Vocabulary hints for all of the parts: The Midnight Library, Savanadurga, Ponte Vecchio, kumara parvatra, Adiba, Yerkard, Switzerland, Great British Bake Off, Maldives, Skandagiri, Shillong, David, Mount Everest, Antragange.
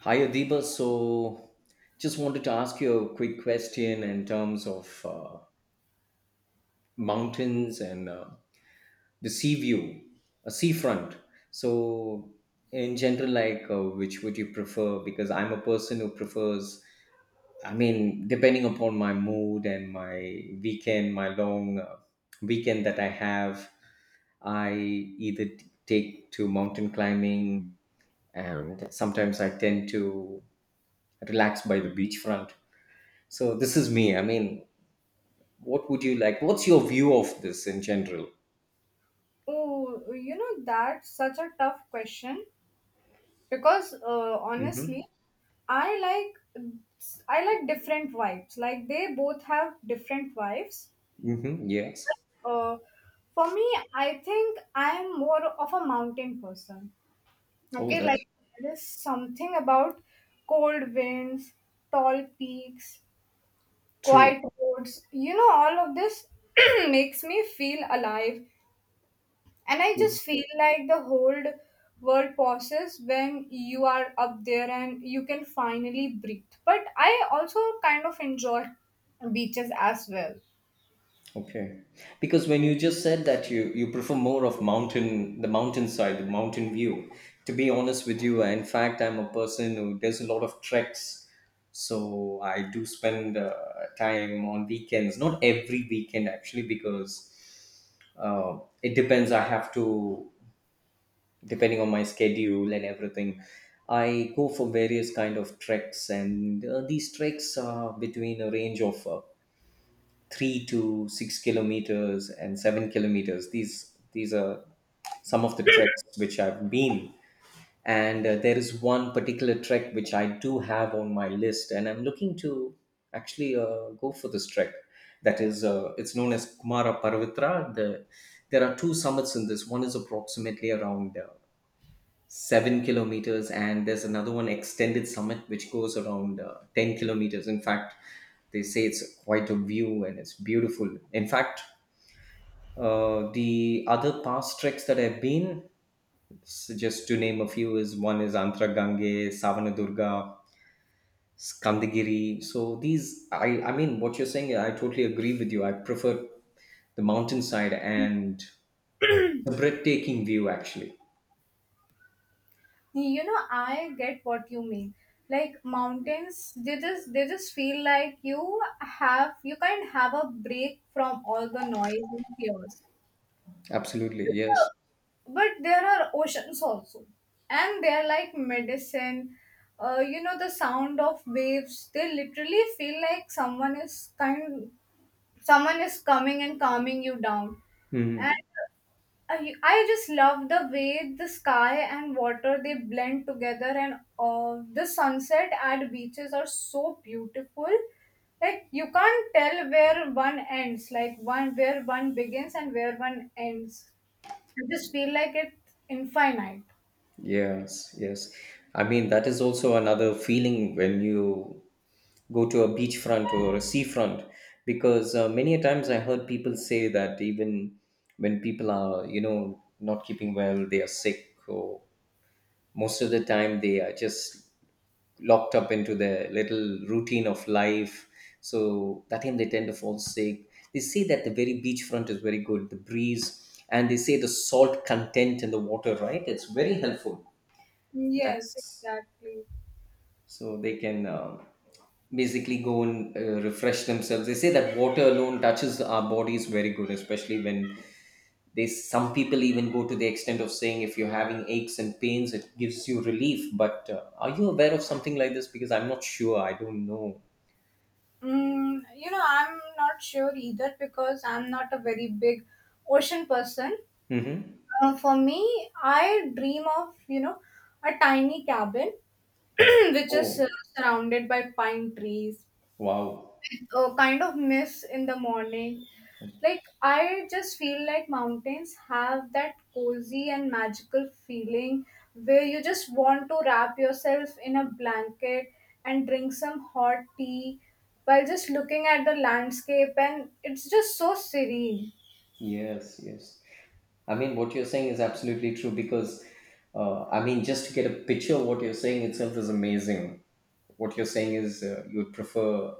Hi, Adiba. So, just wanted to ask you a quick question in terms of mountains and the sea view, a seafront. So, in general, like, which would you prefer? Because I'm a person who prefers, I mean, depending upon my mood and my weekend, my long weekend that I have, I either take to mountain climbing and sometimes I tend to relax by the beachfront. So this is me. I mean, what would you like? What's your view of this in general? Oh, you know, that's such a tough question because Mm-hmm. honestly, I like I like different vibes. Like they both have different vibes. Mm-hmm. Yes. Uh, for me, I think I'm more of a mountain person. Oh, Okay, like that's there is something about cold winds, tall peaks, true. quiet roads. You know, all of this makes me feel alive. And I True. just feel like the whole world pauses when you are up there and you can finally breathe. But I also kind of enjoy beaches as well. Okay. Because when you just said that you prefer more of mountain, the mountainside, the mountain view. To be honest with you, in fact, I'm a person who does a lot of treks. So I do spend time on weekends, not every weekend actually, because it depends. I have to, depending on my schedule and everything, I go for various kind of treks, and these treks are between a range of 3 to 6 kilometers and 7 kilometers. These are some of the treks which I've been. And there is one particular trek which I do have on my list, and I'm looking to actually go for this trek. That is it's known as Kumara Parvatra. There are two summits in this. One is approximately around 7 kilometers, and there's another one, Extended Summit, which goes around 10 kilometers. In fact, they say it's quite a view and it's beautiful. In fact, the other past treks that I've been, just to name a few, is one is Antragange, Savanadurga, Skandagiri. So these, I mean, what you're saying, I totally agree with you. I prefer the mountainside and a breathtaking view, actually. You know, I get what you mean. Like mountains, they just feel like you kind of have a break from all the noise and chaos. Absolutely, yes. But there are oceans also, and they are like medicine. You know, the sound of waves, they literally feel like someone is coming and calming you down. And Mhm. I just love the way the sky and water they blend together, and the sunset at beaches are so beautiful. Like you can't tell where one ends, like one begins and where one ends. I just feel like it's infinite. Yes, yes. I mean, that is also another feeling when you go to a beachfront or a seafront, because many a times I heard people say that even when people are, you know, not keeping well, they are sick, or most of the time they are just locked up into their little routine of life. So that time they tend to fall sick. They say that the very beachfront is very good, the breeze, and they say the salt content in the water, right? It's very helpful. Yes, That's, exactly. so they can basically go and refresh themselves. They say that water alone touches our bodies very good, especially when they, some people even go to the extent of saying, if you're having aches and pains, it gives you relief. But are you aware of something like this? Because I'm not sure, I don't know. Mm, you know, I'm not sure either because I'm not a very big ocean person. Mm-hmm. For me, I dream of, you know, a tiny cabin which is Oh, surrounded by pine trees. wow. With a kind of mist in the morning. Like, I just feel like mountains have that cozy and magical feeling where you just want to wrap yourself in a blanket and drink some hot tea while just looking at the landscape, and it's just so serene. Yes, yes. I mean, what you're saying is absolutely true, because, I mean, just to get a picture of what you're saying itself is amazing. What you're saying is, you would prefer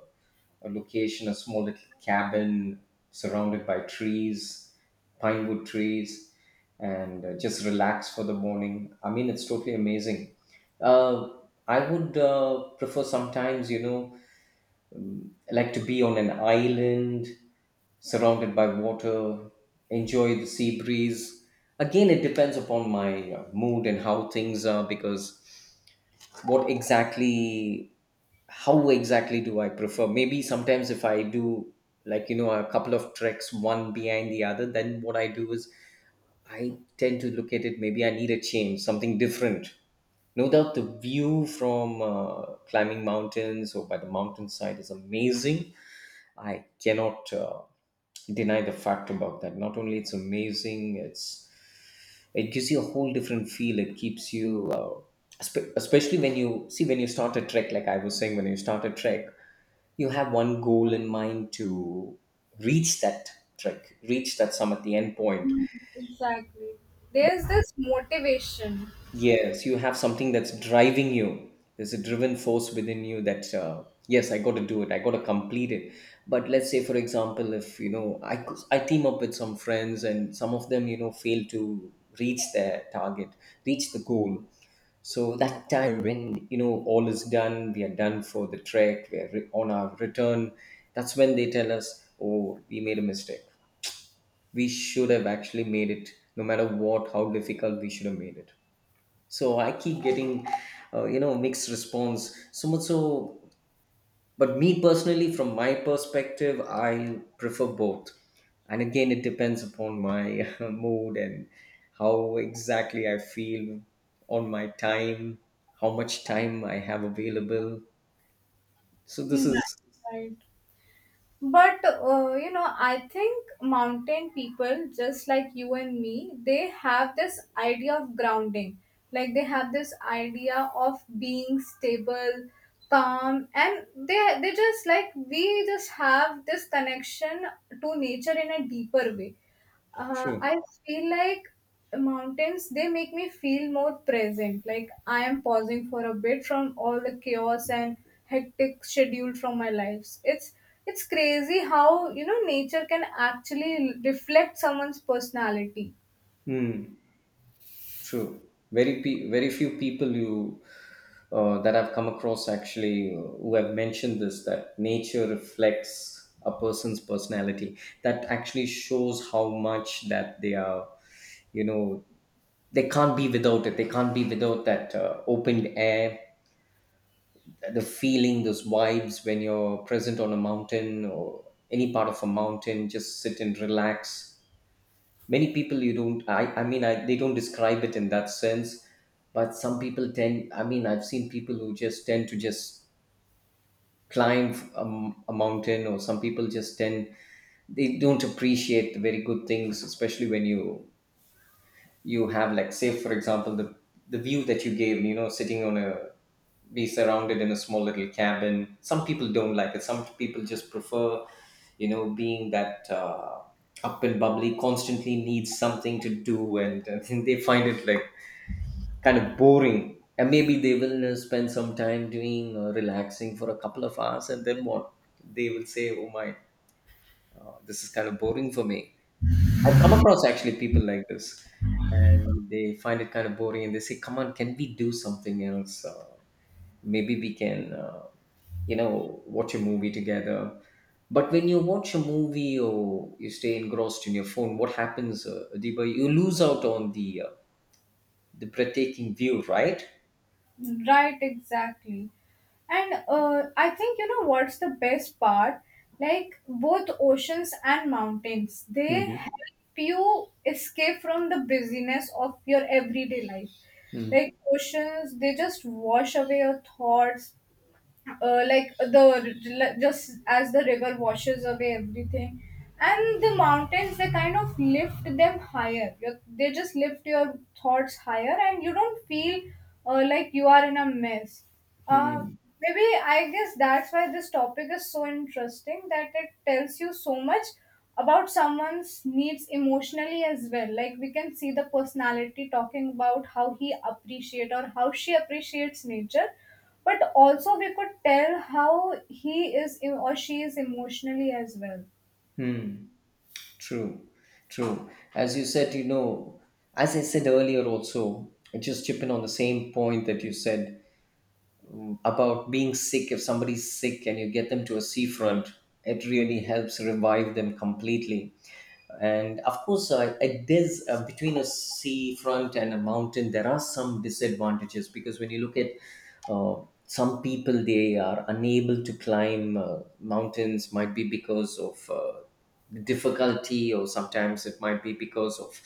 a location, a small little cabin surrounded by trees, pine wood trees, and just relax for the morning. I mean, it's totally amazing. Uh, I would prefer sometimes, you know, like to be on an island surrounded by water, enjoy the sea breeze. Again, it depends upon my mood and how things are, because what exactly how exactly do I prefer? Maybe sometimes, if I do, like, you know, a couple of treks one behind the other, then what I do is I tend to look at it. Maybe I need a change, something different. No doubt the view from climbing mountains or by the mountainside is amazing. I cannot deny the fact about that. Not only it's amazing, it gives you a whole different feel. It keeps you, especially when you see when you start a trek. Like I was saying, when you start a trek, you have one goal in mind, to reach that trek, reach that summit, the end point. Exactly. There's this motivation. Yes, you have something that's driving you. There's a driven force within you that, yes, I got to do it. I got to complete it. But let's say, for example, if you know, I team up with some friends, and some of them, you know, fail to reach their target, reach the goal. So that time when you know all is done, we are done for the trek. We're on our return. That's when they tell us, "Oh, we made a mistake. We should have actually made it. No matter what, how difficult, we should have made it." So I keep getting, you know, mixed response, so much so. But me personally, from my perspective, I prefer both. And again, it depends upon my mood and how exactly I feel, on my time, how much time I have available. So Hmm. this is Right. But you know, I think mountain people, just like you and me, they have this idea of grounding. Like they have this idea of being stable, calm, and they just like we just have this connection to nature in a deeper way. Uh, true. I feel like mountains, they make me feel more present. Like I am pausing for a bit from all the chaos and hectic schedule from my lives. It's crazy how, you know, nature can actually reflect someone's personality. Hmm. True. Very few people you, that I've come across actually, who have mentioned this, that nature reflects a person's personality. That actually shows how much that they are. You know, they can't be without it. They can't be without that opened air, the feeling, those vibes when you're present on a mountain or any part of a mountain. Just sit and relax. Many people you don't, I mean, they don't describe it in that sense. But some people tend, I mean, I've seen people who just tend to just climb a, a mountain. Or some people just tend, they don't appreciate the very good things, especially when you have, like, say, for example, the view that you gave, you know, sitting on a, be surrounded in a small little cabin. Some people don't like it, some people just prefer, you know, being that up and bubbly, constantly needs something to do. And they find it, like, kind of boring. And maybe they will spend some time doing relaxing for a couple of hours, and then what they will say, oh my, this is kind of boring for me. I've come across actually people like this, and they find it kind of boring, and they say, come on, can we do something else? Maybe we can you know, watch a movie together. But when you watch a movie or you stay engrossed in your phone, what happens, Adiba? You lose out on the breathtaking view, right? Right, exactly. And I think, you know, what's the best part? Like both oceans and mountains, they help you escape from the busyness of your everyday life. Like oceans, they just wash away your thoughts, like the just as the river washes away everything, and the mountains, they kind of lift your thoughts higher, and you don't feel like you are in a mess. uh, Hmm. maybe I guess that's why this topic is so interesting, that it tells you so much about someone's needs emotionally as well. Like we can see the personality talking about how he appreciate or how she appreciates nature, but also we could tell how or she is emotionally as well. Hmm. True. True. As you said, you know, as I said earlier, also, just chipping on the same point that you said about being sick. If somebody's sick and you get them to a seafront, it really helps revive them completely. And of course, it is, between a sea front and a mountain, there are some disadvantages. Because when you look at, uh, some people they are unable to climb mountains, might be because of difficulty, or sometimes it might be because of,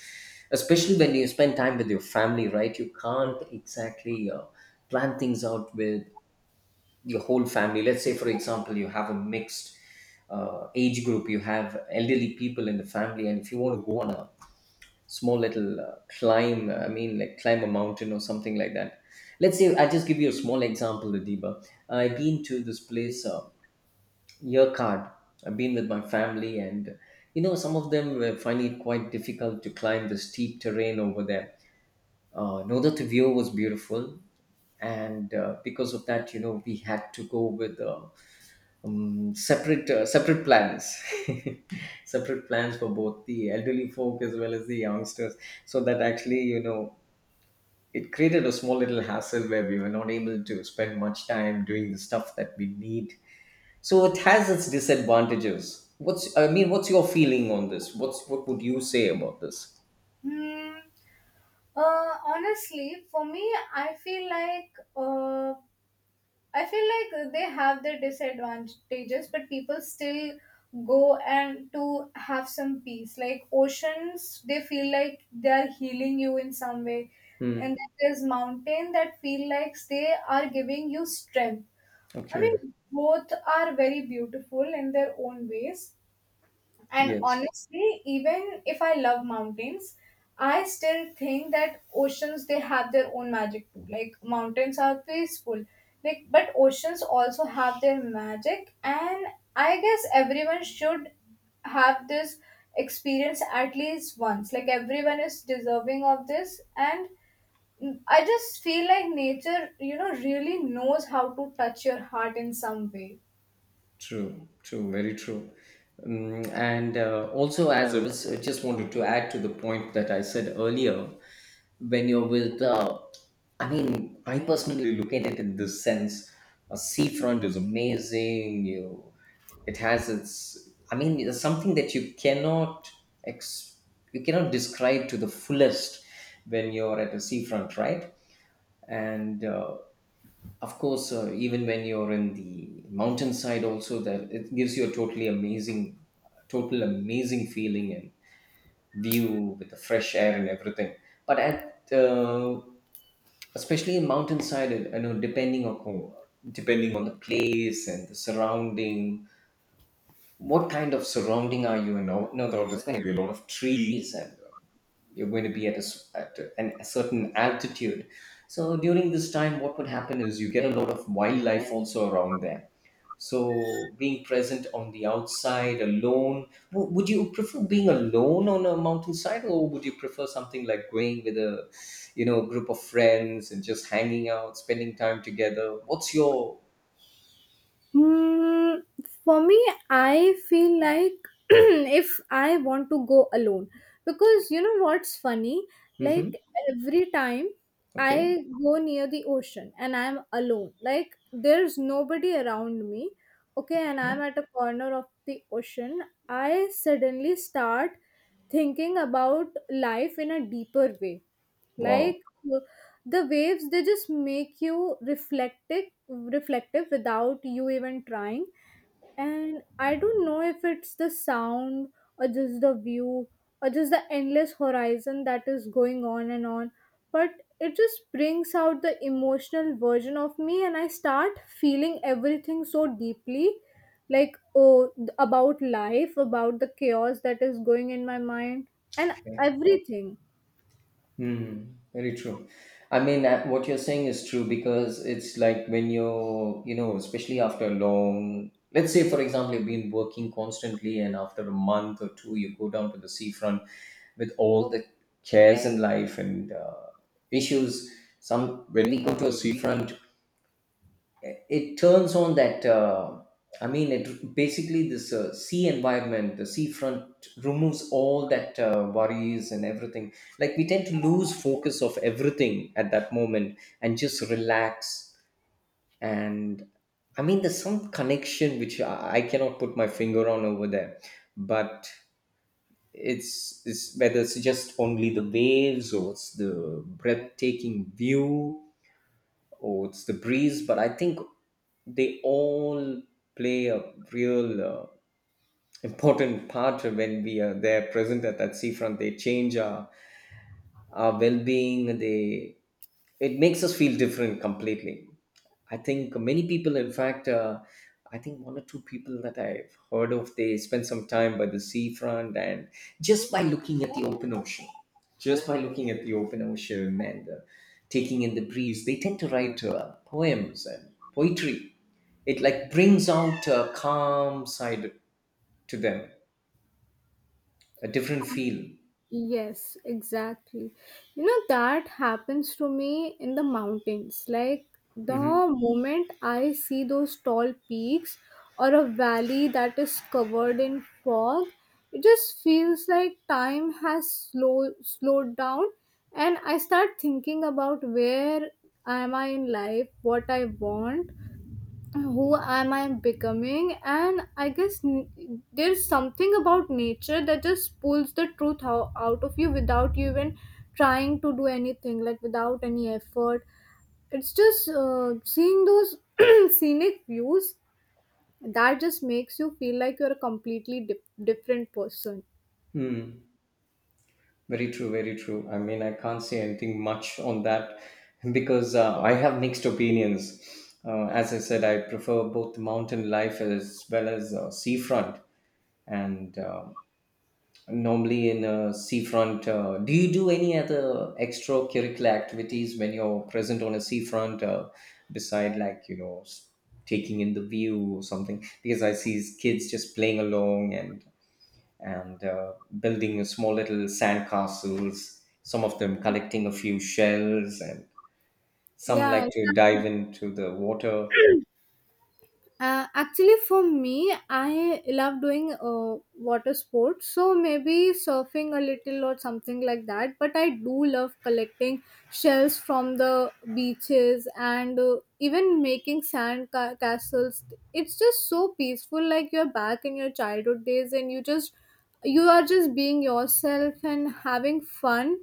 especially when you spend time with your family, right, you can't exactly plan things out with your whole family. Let's say, for example, you have a mixed age group, you have elderly people in the family, and if you want to go on a small little climb, I mean, like, climb a mountain or something like that. Let's say I just give you a small example, Adiba. I've been to this place, Yerkard. I've been with my family, and you know, some of them were finding it quite difficult to climb the steep terrain over there. No, that the view was beautiful. And because of that, you know, we had to go with, separate plans, separate plans for both the elderly folk as well as the youngsters. So that actually, you know, it created a small little hassle where we were not able to spend much time doing the stuff that we need. So it has its disadvantages. What's I mean, what's your feeling on this? What would you say about this? Hmm. Honestly for me, i feel like uh, I feel like they have their disadvantages, but people still go and to have some peace. Like oceans, they feel like they are healing you in some way, Hmm. and then there's mountain that feel like they are giving you strength. I mean, Okay. both are very beautiful in their own ways. And Yes. honestly, even if I love mountains, I still think that oceans, they have their own magic too. Like mountains are peaceful. Like, but oceans also have their magic, and I guess everyone should have this experience at least once. Like everyone is deserving of this, and I just feel like nature, you know, really knows how to touch your heart in some way. True. True. Very true. And also, as I was, I just wanted to add to the point that I said earlier, when you're with, I mean, I personally look at it in this sense, a seafront is amazing. You, it has its, I mean, it's something that you cannot ex- you cannot describe to the fullest when you're at a seafront, right? And of course, even when you're in the mountainside also, that it gives you a totally amazing, total amazing feeling and view with the fresh air and everything. But at, especially in mountainside, you know, depending on the place and the surrounding, what kind of surrounding are you in? You know, there are just going to be a lot of trees, and you're going to be at a, s- at a- an, a certain altitude. So during this time, what would happen is you get a lot of wildlife also around there, so being present on the outside alone, would you prefer being alone on a mountainside, or would you prefer something like going with a group of friends and just hanging out, spending time together? What's your? Hmm, for me, I feel like if I want to go alone, because you know what's funny? Hmm. Like every time Okay. I go near the ocean and I'm alone, like there's nobody around me, okay, and Yeah. I'm at a corner of the ocean, I suddenly start thinking about life in a deeper way. Wow. Like uh, the waves, they just make you reflective without you even trying. And I don't know if it's the sound or just the view or just the endless horizon that is going on and on, but it just brings out the emotional version of me, and I start feeling everything so deeply. Like about life, about the chaos that is going in my mind, and everything. Hmm, very true. I mean, what you're saying is true because it's like when you're, especially after a long, let's say, for example, you've been working constantly, and after a month or two, you go down to the seafront with all the cares in life and issues. Some when we go to a seafront, it turns on that, I mean it basically this sea environment, the seafront removes all that worries and everything, like we tend to lose focus of everything at that moment and just relax. And I mean there's some connection which I cannot put my finger on over there, but it's whether it's just only the waves or it's the breathtaking view or it's the breeze, but I think they all play a real, important part when we are there present at that seafront. They change our well being. They It makes us feel different completely. I think many people, in fact, I think one or two people that I've heard of, they spend some time by the seafront and just by looking at the open ocean, just by looking at the open ocean and taking in the breeze, they tend to write poems and poetry. It like brings out a calm side to them, a different feel. Yes, exactly. You know, that happens to me in the mountains. Like, Mm-hmm. the moment I see those tall peaks or a valley that is covered in fog, it just feels like time has slowed down, and I start thinking about where am I in life, what I want, who am I becoming? And I guess there's something about nature that just pulls the truth out of you without you even trying to do anything, like without any effort. It's just seeing those scenic views that just makes you feel like you're a completely different person. Hmm. Very true, very true. I mean, I can't say anything much on that because I have mixed opinions. As I said, I prefer both mountain life as well as seafront. And normally in a seafront, do you do any other extracurricular activities when you're present on a seafront, beside like, taking in the view or something? Because I see kids just playing along and building small little sand castles. Some of them collecting a few shells, and some Yeah, like to exactly. dive into the water. Actually, for me, I love doing water sports, so maybe surfing a little or something like that. But I do love collecting shells from the beaches, and even making sand castles. It's just so peaceful, like you're back in your childhood days, and you are just being yourself and having fun.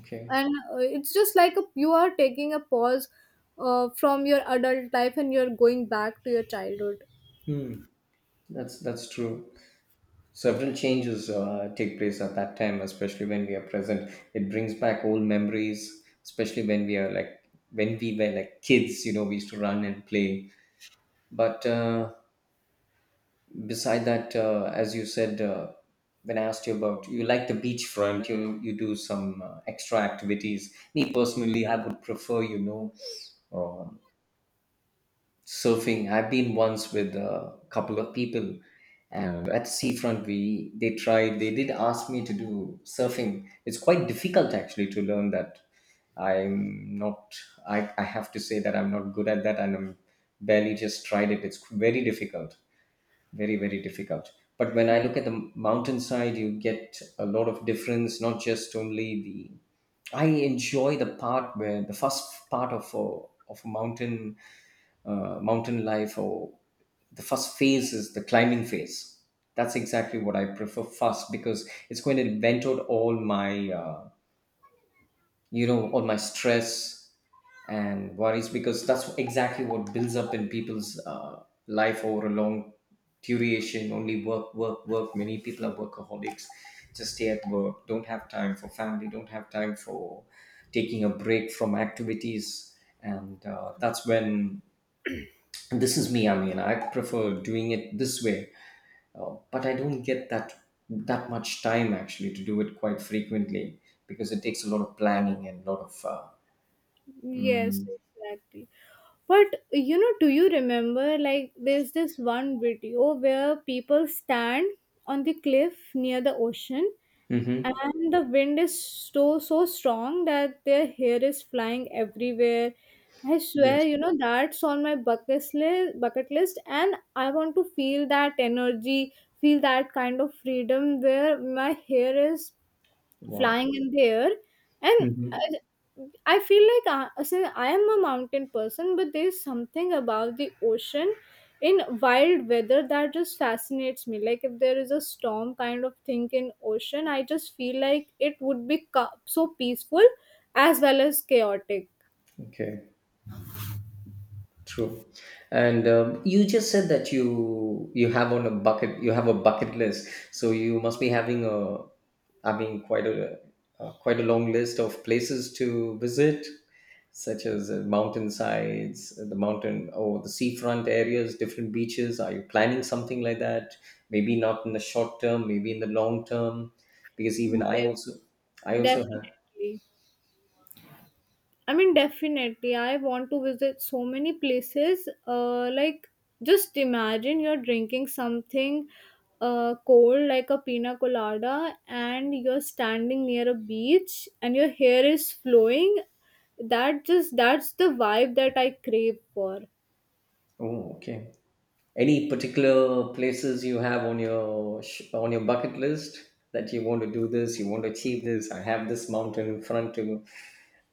Okay. And it's just like you are taking a pause from your adult life, and you're going back to your childhood. Hmm. That's true. Several changes take place at that time, especially when we are present. It brings back old memories, especially when we are like when we were like kids. You know, we used to run and play, but. Beside that, as you said, when I asked you about, you like the beachfront, you do some extra activities. Me personally, I would prefer, um, surfing. I've been once with a couple of people, and at the seafront, we they tried, they did ask me to do surfing. It's quite difficult actually to learn that. I'm not i, I have to say that I'm not good at that, and I'm barely just tried it. It's very difficult, very very difficult. But when I look at the mountainside, you get a lot of difference, not just only the I enjoy the part where the first part of a mountain, mountain life, or the first phase is the climbing phase. That's exactly what I prefer first because it's going to vent out all my, stress and worries, because that's exactly what builds up in people's life over a long duration. Only work, work, work. Many people are workaholics, just stay at work, don't have time for family, don't have time for taking a break from activities. And that's when, this is me, I mean I prefer doing it this way. But I don't get that much time actually to do it quite frequently, because it takes a lot of planning and a lot of Yes, exactly. But you know, do you remember, like, there's this one video where people stand on the cliff near the ocean, Mm-hmm. and the wind is so strong that their hair is flying everywhere. I swear, Yes. you know, that's on my bucket list, and I want to feel that energy, feel that kind of freedom where my hair is Wow. flying in the air. And i, Mm-hmm. I feel like since I am a mountain person, but there's something about the ocean in wild weather that just fascinates me. Like, if there is a storm kind of thing in ocean, I just feel like it would be so peaceful as well as chaotic. Okay. True. And you just said that you have a bucket list, so you must be having a, I mean, quite a long list of places to visit, such as mountainsides, the mountain or the seafront areas, different beaches. Are you planning something like that? Maybe not in the short term, maybe in the long term, because even I Yes, also I also have. definitely. I mean, definitely. I want to visit so many places. Like, just imagine you're drinking something cold, like a pina colada, and you're standing near a beach and your hair is flowing. That's the vibe that I crave for. Oh, okay. Any particular places you have on your bucket list that you want to do this, you want to achieve this? I have this mountain in front to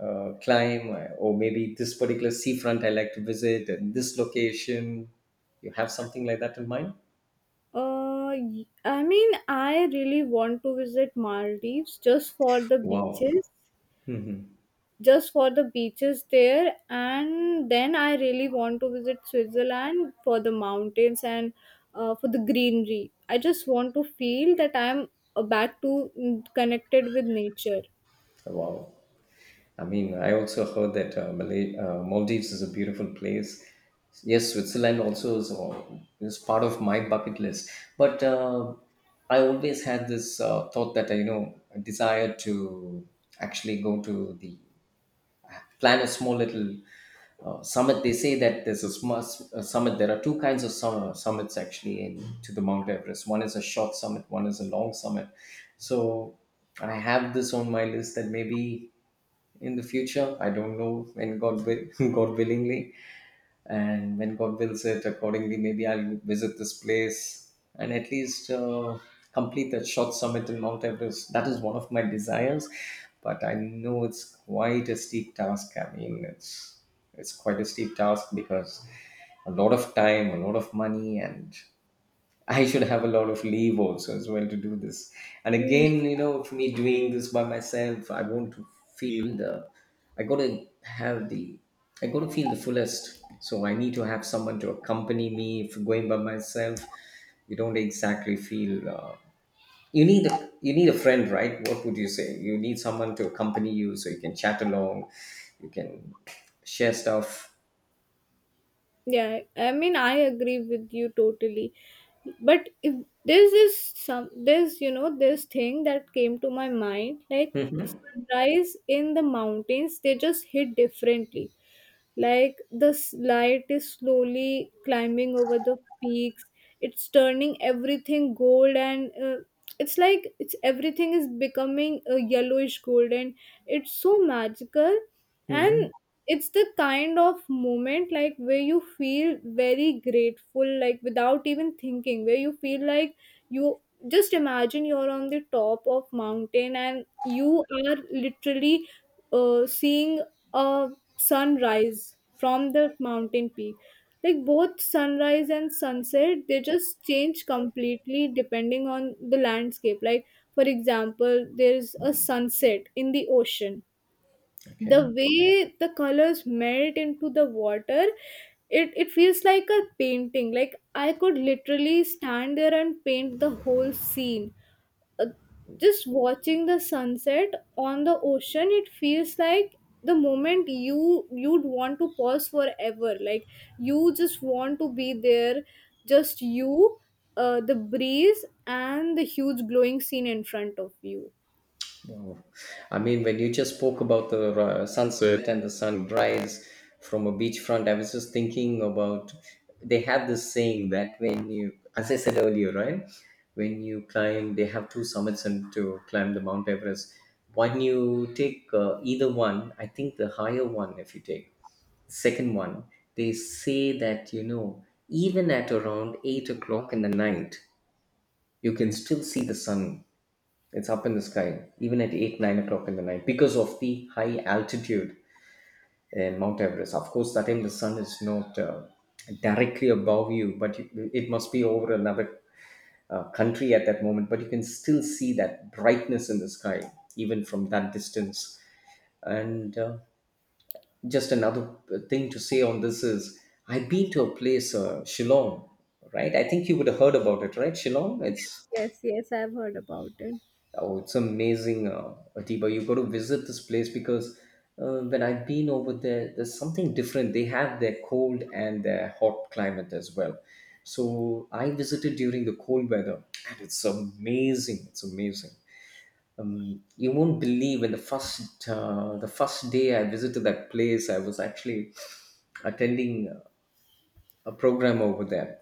climb, or maybe this particular seafront I like to visit, and this location. You have something like that in mind? I mean, I really want to visit Maldives just for the Wow. beaches. Just for the beaches there, and then I really want to visit Switzerland for the mountains and for the greenery. I just want to feel that I'm back to connected with nature. Wow. I mean, I also heard that Maldives is a beautiful place. Yes, Switzerland also is part of my bucket list. But I always had this thought that I desire to actually go to the plan a small little summit. They say that there's a summit. There are two kinds of summits actually in, to the Mount Everest. One is a short summit. One is a long summit. So I have this on my list that maybe in the future. I don't know when God will, God willingly, and when God wills it accordingly, maybe I'll visit this place and at least complete that short summit in Mount Everest. That is one of my desires, but I know it's quite a steep task. I mean, it's quite a steep task because a lot of time, a lot of money, and I should have a lot of leave also as well to do this. And again, you know, for me doing this by myself, I want to feel the, I gotta have the, I gotta feel the fullest. So I need to have someone to accompany me. If going by myself, you don't exactly feel. You need a friend, right? What would you say? You need someone to accompany you so you can chat along, you can share stuff. Yeah, I mean, I agree with you totally. But if there's this some this you know, this thing that came to my mind, like, sunrise in the mountains, they just hit differently. Like the light is slowly climbing over the peaks. It's turning everything gold, and it's like it's everything is becoming a yellowish gold, and it's so magical. And Hmm. it's the kind of moment, like, where you feel very grateful, like without even thinking, where you feel like you just imagine you're on the top of mountain, and you are literally seeing a sunrise from the mountain peak. Like both sunrise and sunset, they just change completely depending on the landscape. Like, for example, there's a sunset in the ocean, the Okay. way the colors melt into the water. It feels like a painting. Like, I could literally stand there and paint the whole scene. Uh, just watching the sunset on the ocean, it feels like the moment you you'd want to pause forever. Like, you just want to be there, just you, the breeze, and the huge glowing scene in front of you. Wow. I mean, when you just spoke about the sunset and the sunrise from a beachfront, I was just thinking about, they have this saying that when you, as I said earlier, right, when you climb, they have two summits and to climb the Mount Everest. When you take either one, I think the higher one, if you take the second one, they say that, you know, even at around 8 o'clock in the night, you can still see the sun. It's up in the sky, even at 8, 9 o'clock in the night, because of the high altitude in Mount Everest. Of course, that time the sun is not directly above you, but it must be over another country at that moment. But you can still see that brightness in the sky, even from that distance. And just another thing to say on this is I've been to a place, Shillong, right? I think you would have heard about it, right? Shillong, yes it's yes yes I've heard about it. Oh, it's amazing, Atiba. You got to visit this place because when I've been over there, there's something different. They have their cold and their hot climate as well. So I visited during the cold weather, and it's amazing. It's amazing. You won't believe when the first day I visited that place, I was actually attending a program over there.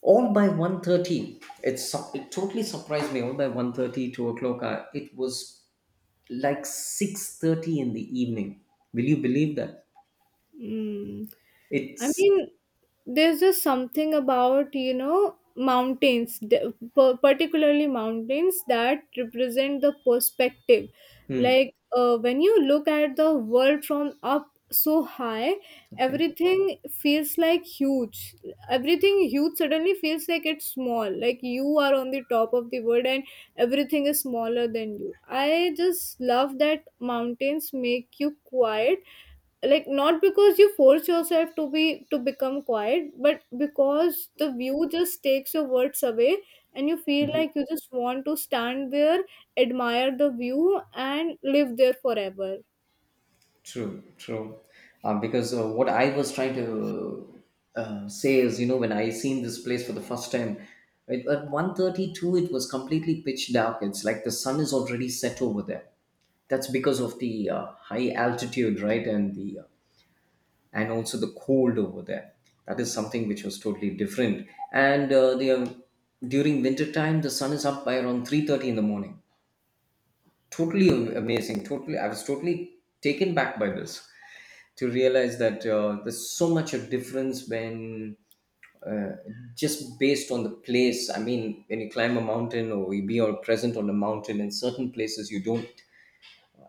All by 1:30, it totally surprised me. All by 1:30, 2 o'clock, it was like 6:30 in the evening. Will you believe that? Mm. I It's mean, there's just something about, you know, mountains, particularly mountains, that represent the perspective. Hmm. Like when you look at the world from up so high, Okay, everything feels like huge. Everything huge suddenly feels like it's small. Like, you are on the top of the world, and everything is smaller than you. I just love that mountains make you quiet, like not because you force yourself to be to become quiet, but because the view just takes your words away, and you feel like you just want to stand there, admire the view, and live there forever. true, true. Because what I was trying to say is, you know, when I seen this place for the first time, it, at 1:32, it was completely pitch dark. It's like the sun is already set over there. That's because of the high altitude, right? And the and also the cold over there. That is something which was totally different. And the during winter time, the sun is up by around 3:30 in the morning. Totally amazing. Totally, I was totally taken back by this to realize that, there's so much a difference when, uh, just based on the place. I mean, when you climb a mountain or you be all present on a mountain, in certain places you don't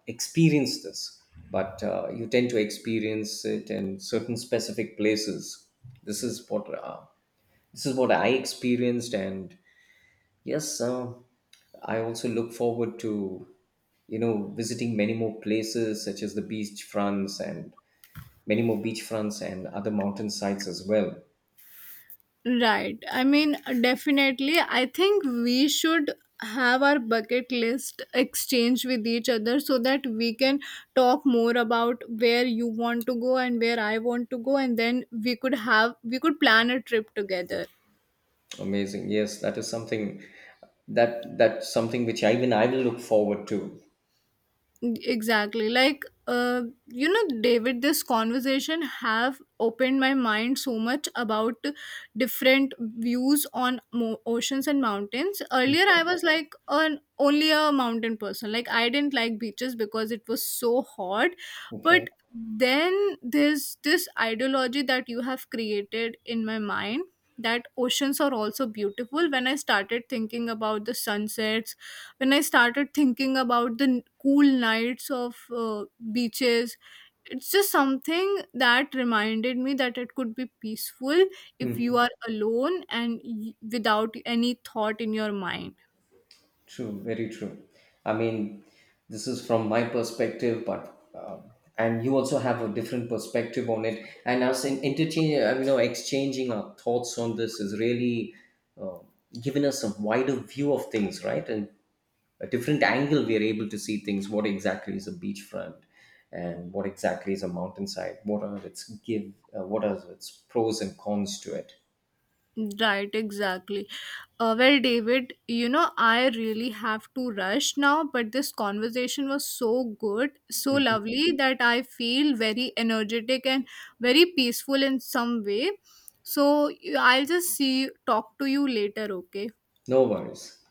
experience this, but you tend to experience it in certain specific places. This is what uh, this is what I experienced. And yes, I also look forward to visiting many more places such as the beach fronts and many more beach fronts and other mountain sites as well. Right. I mean, definitely, I think we should have our bucket list exchange with each other so that we can talk more about where you want to go and where I want to go, and then we could plan a trip together. Amazing, yes, that is something that, that's something which I, even I, will look forward to. Exactly. Like you know, David, this conversation have opened my mind so much about different views on oceans and mountains. Earlier I was like an only a mountain person, like I didn't like beaches because it was so hot. Okay. But then there's this ideology that you have created in my mind, that oceans are also beautiful. When I started thinking about the sunsets, when I started thinking about the cool nights of uh, beaches, it's just something that reminded me that it could be peaceful if you Hmm. are alone and without any thought in your mind. True, very true. I mean, this is from my perspective, but and you also have a different perspective on it. And us in exchanging our thoughts on this is really uh, giving us a wider view of things, right? And a different angle we are able to see things. What exactly is a beachfront, and what exactly is a mountainside? What are its give? What are its pros and cons to it? Right, exactly. Well, David, you know, I really have to rush now, but this conversation was so good, so Mhm. lovely that I feel very energetic and very peaceful in some way. So I'll just talk to you later, okay? No worries.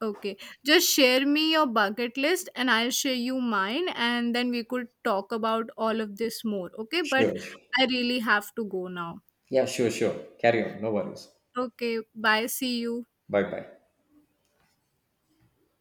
Okay. Just share me your bucket list and I'll share you mine, and then we could talk about all of this more, okay? But Sure. I really have to go now. Yeah, sure, sure. Carry on. No worries. Okay, bye. See you. Bye bye.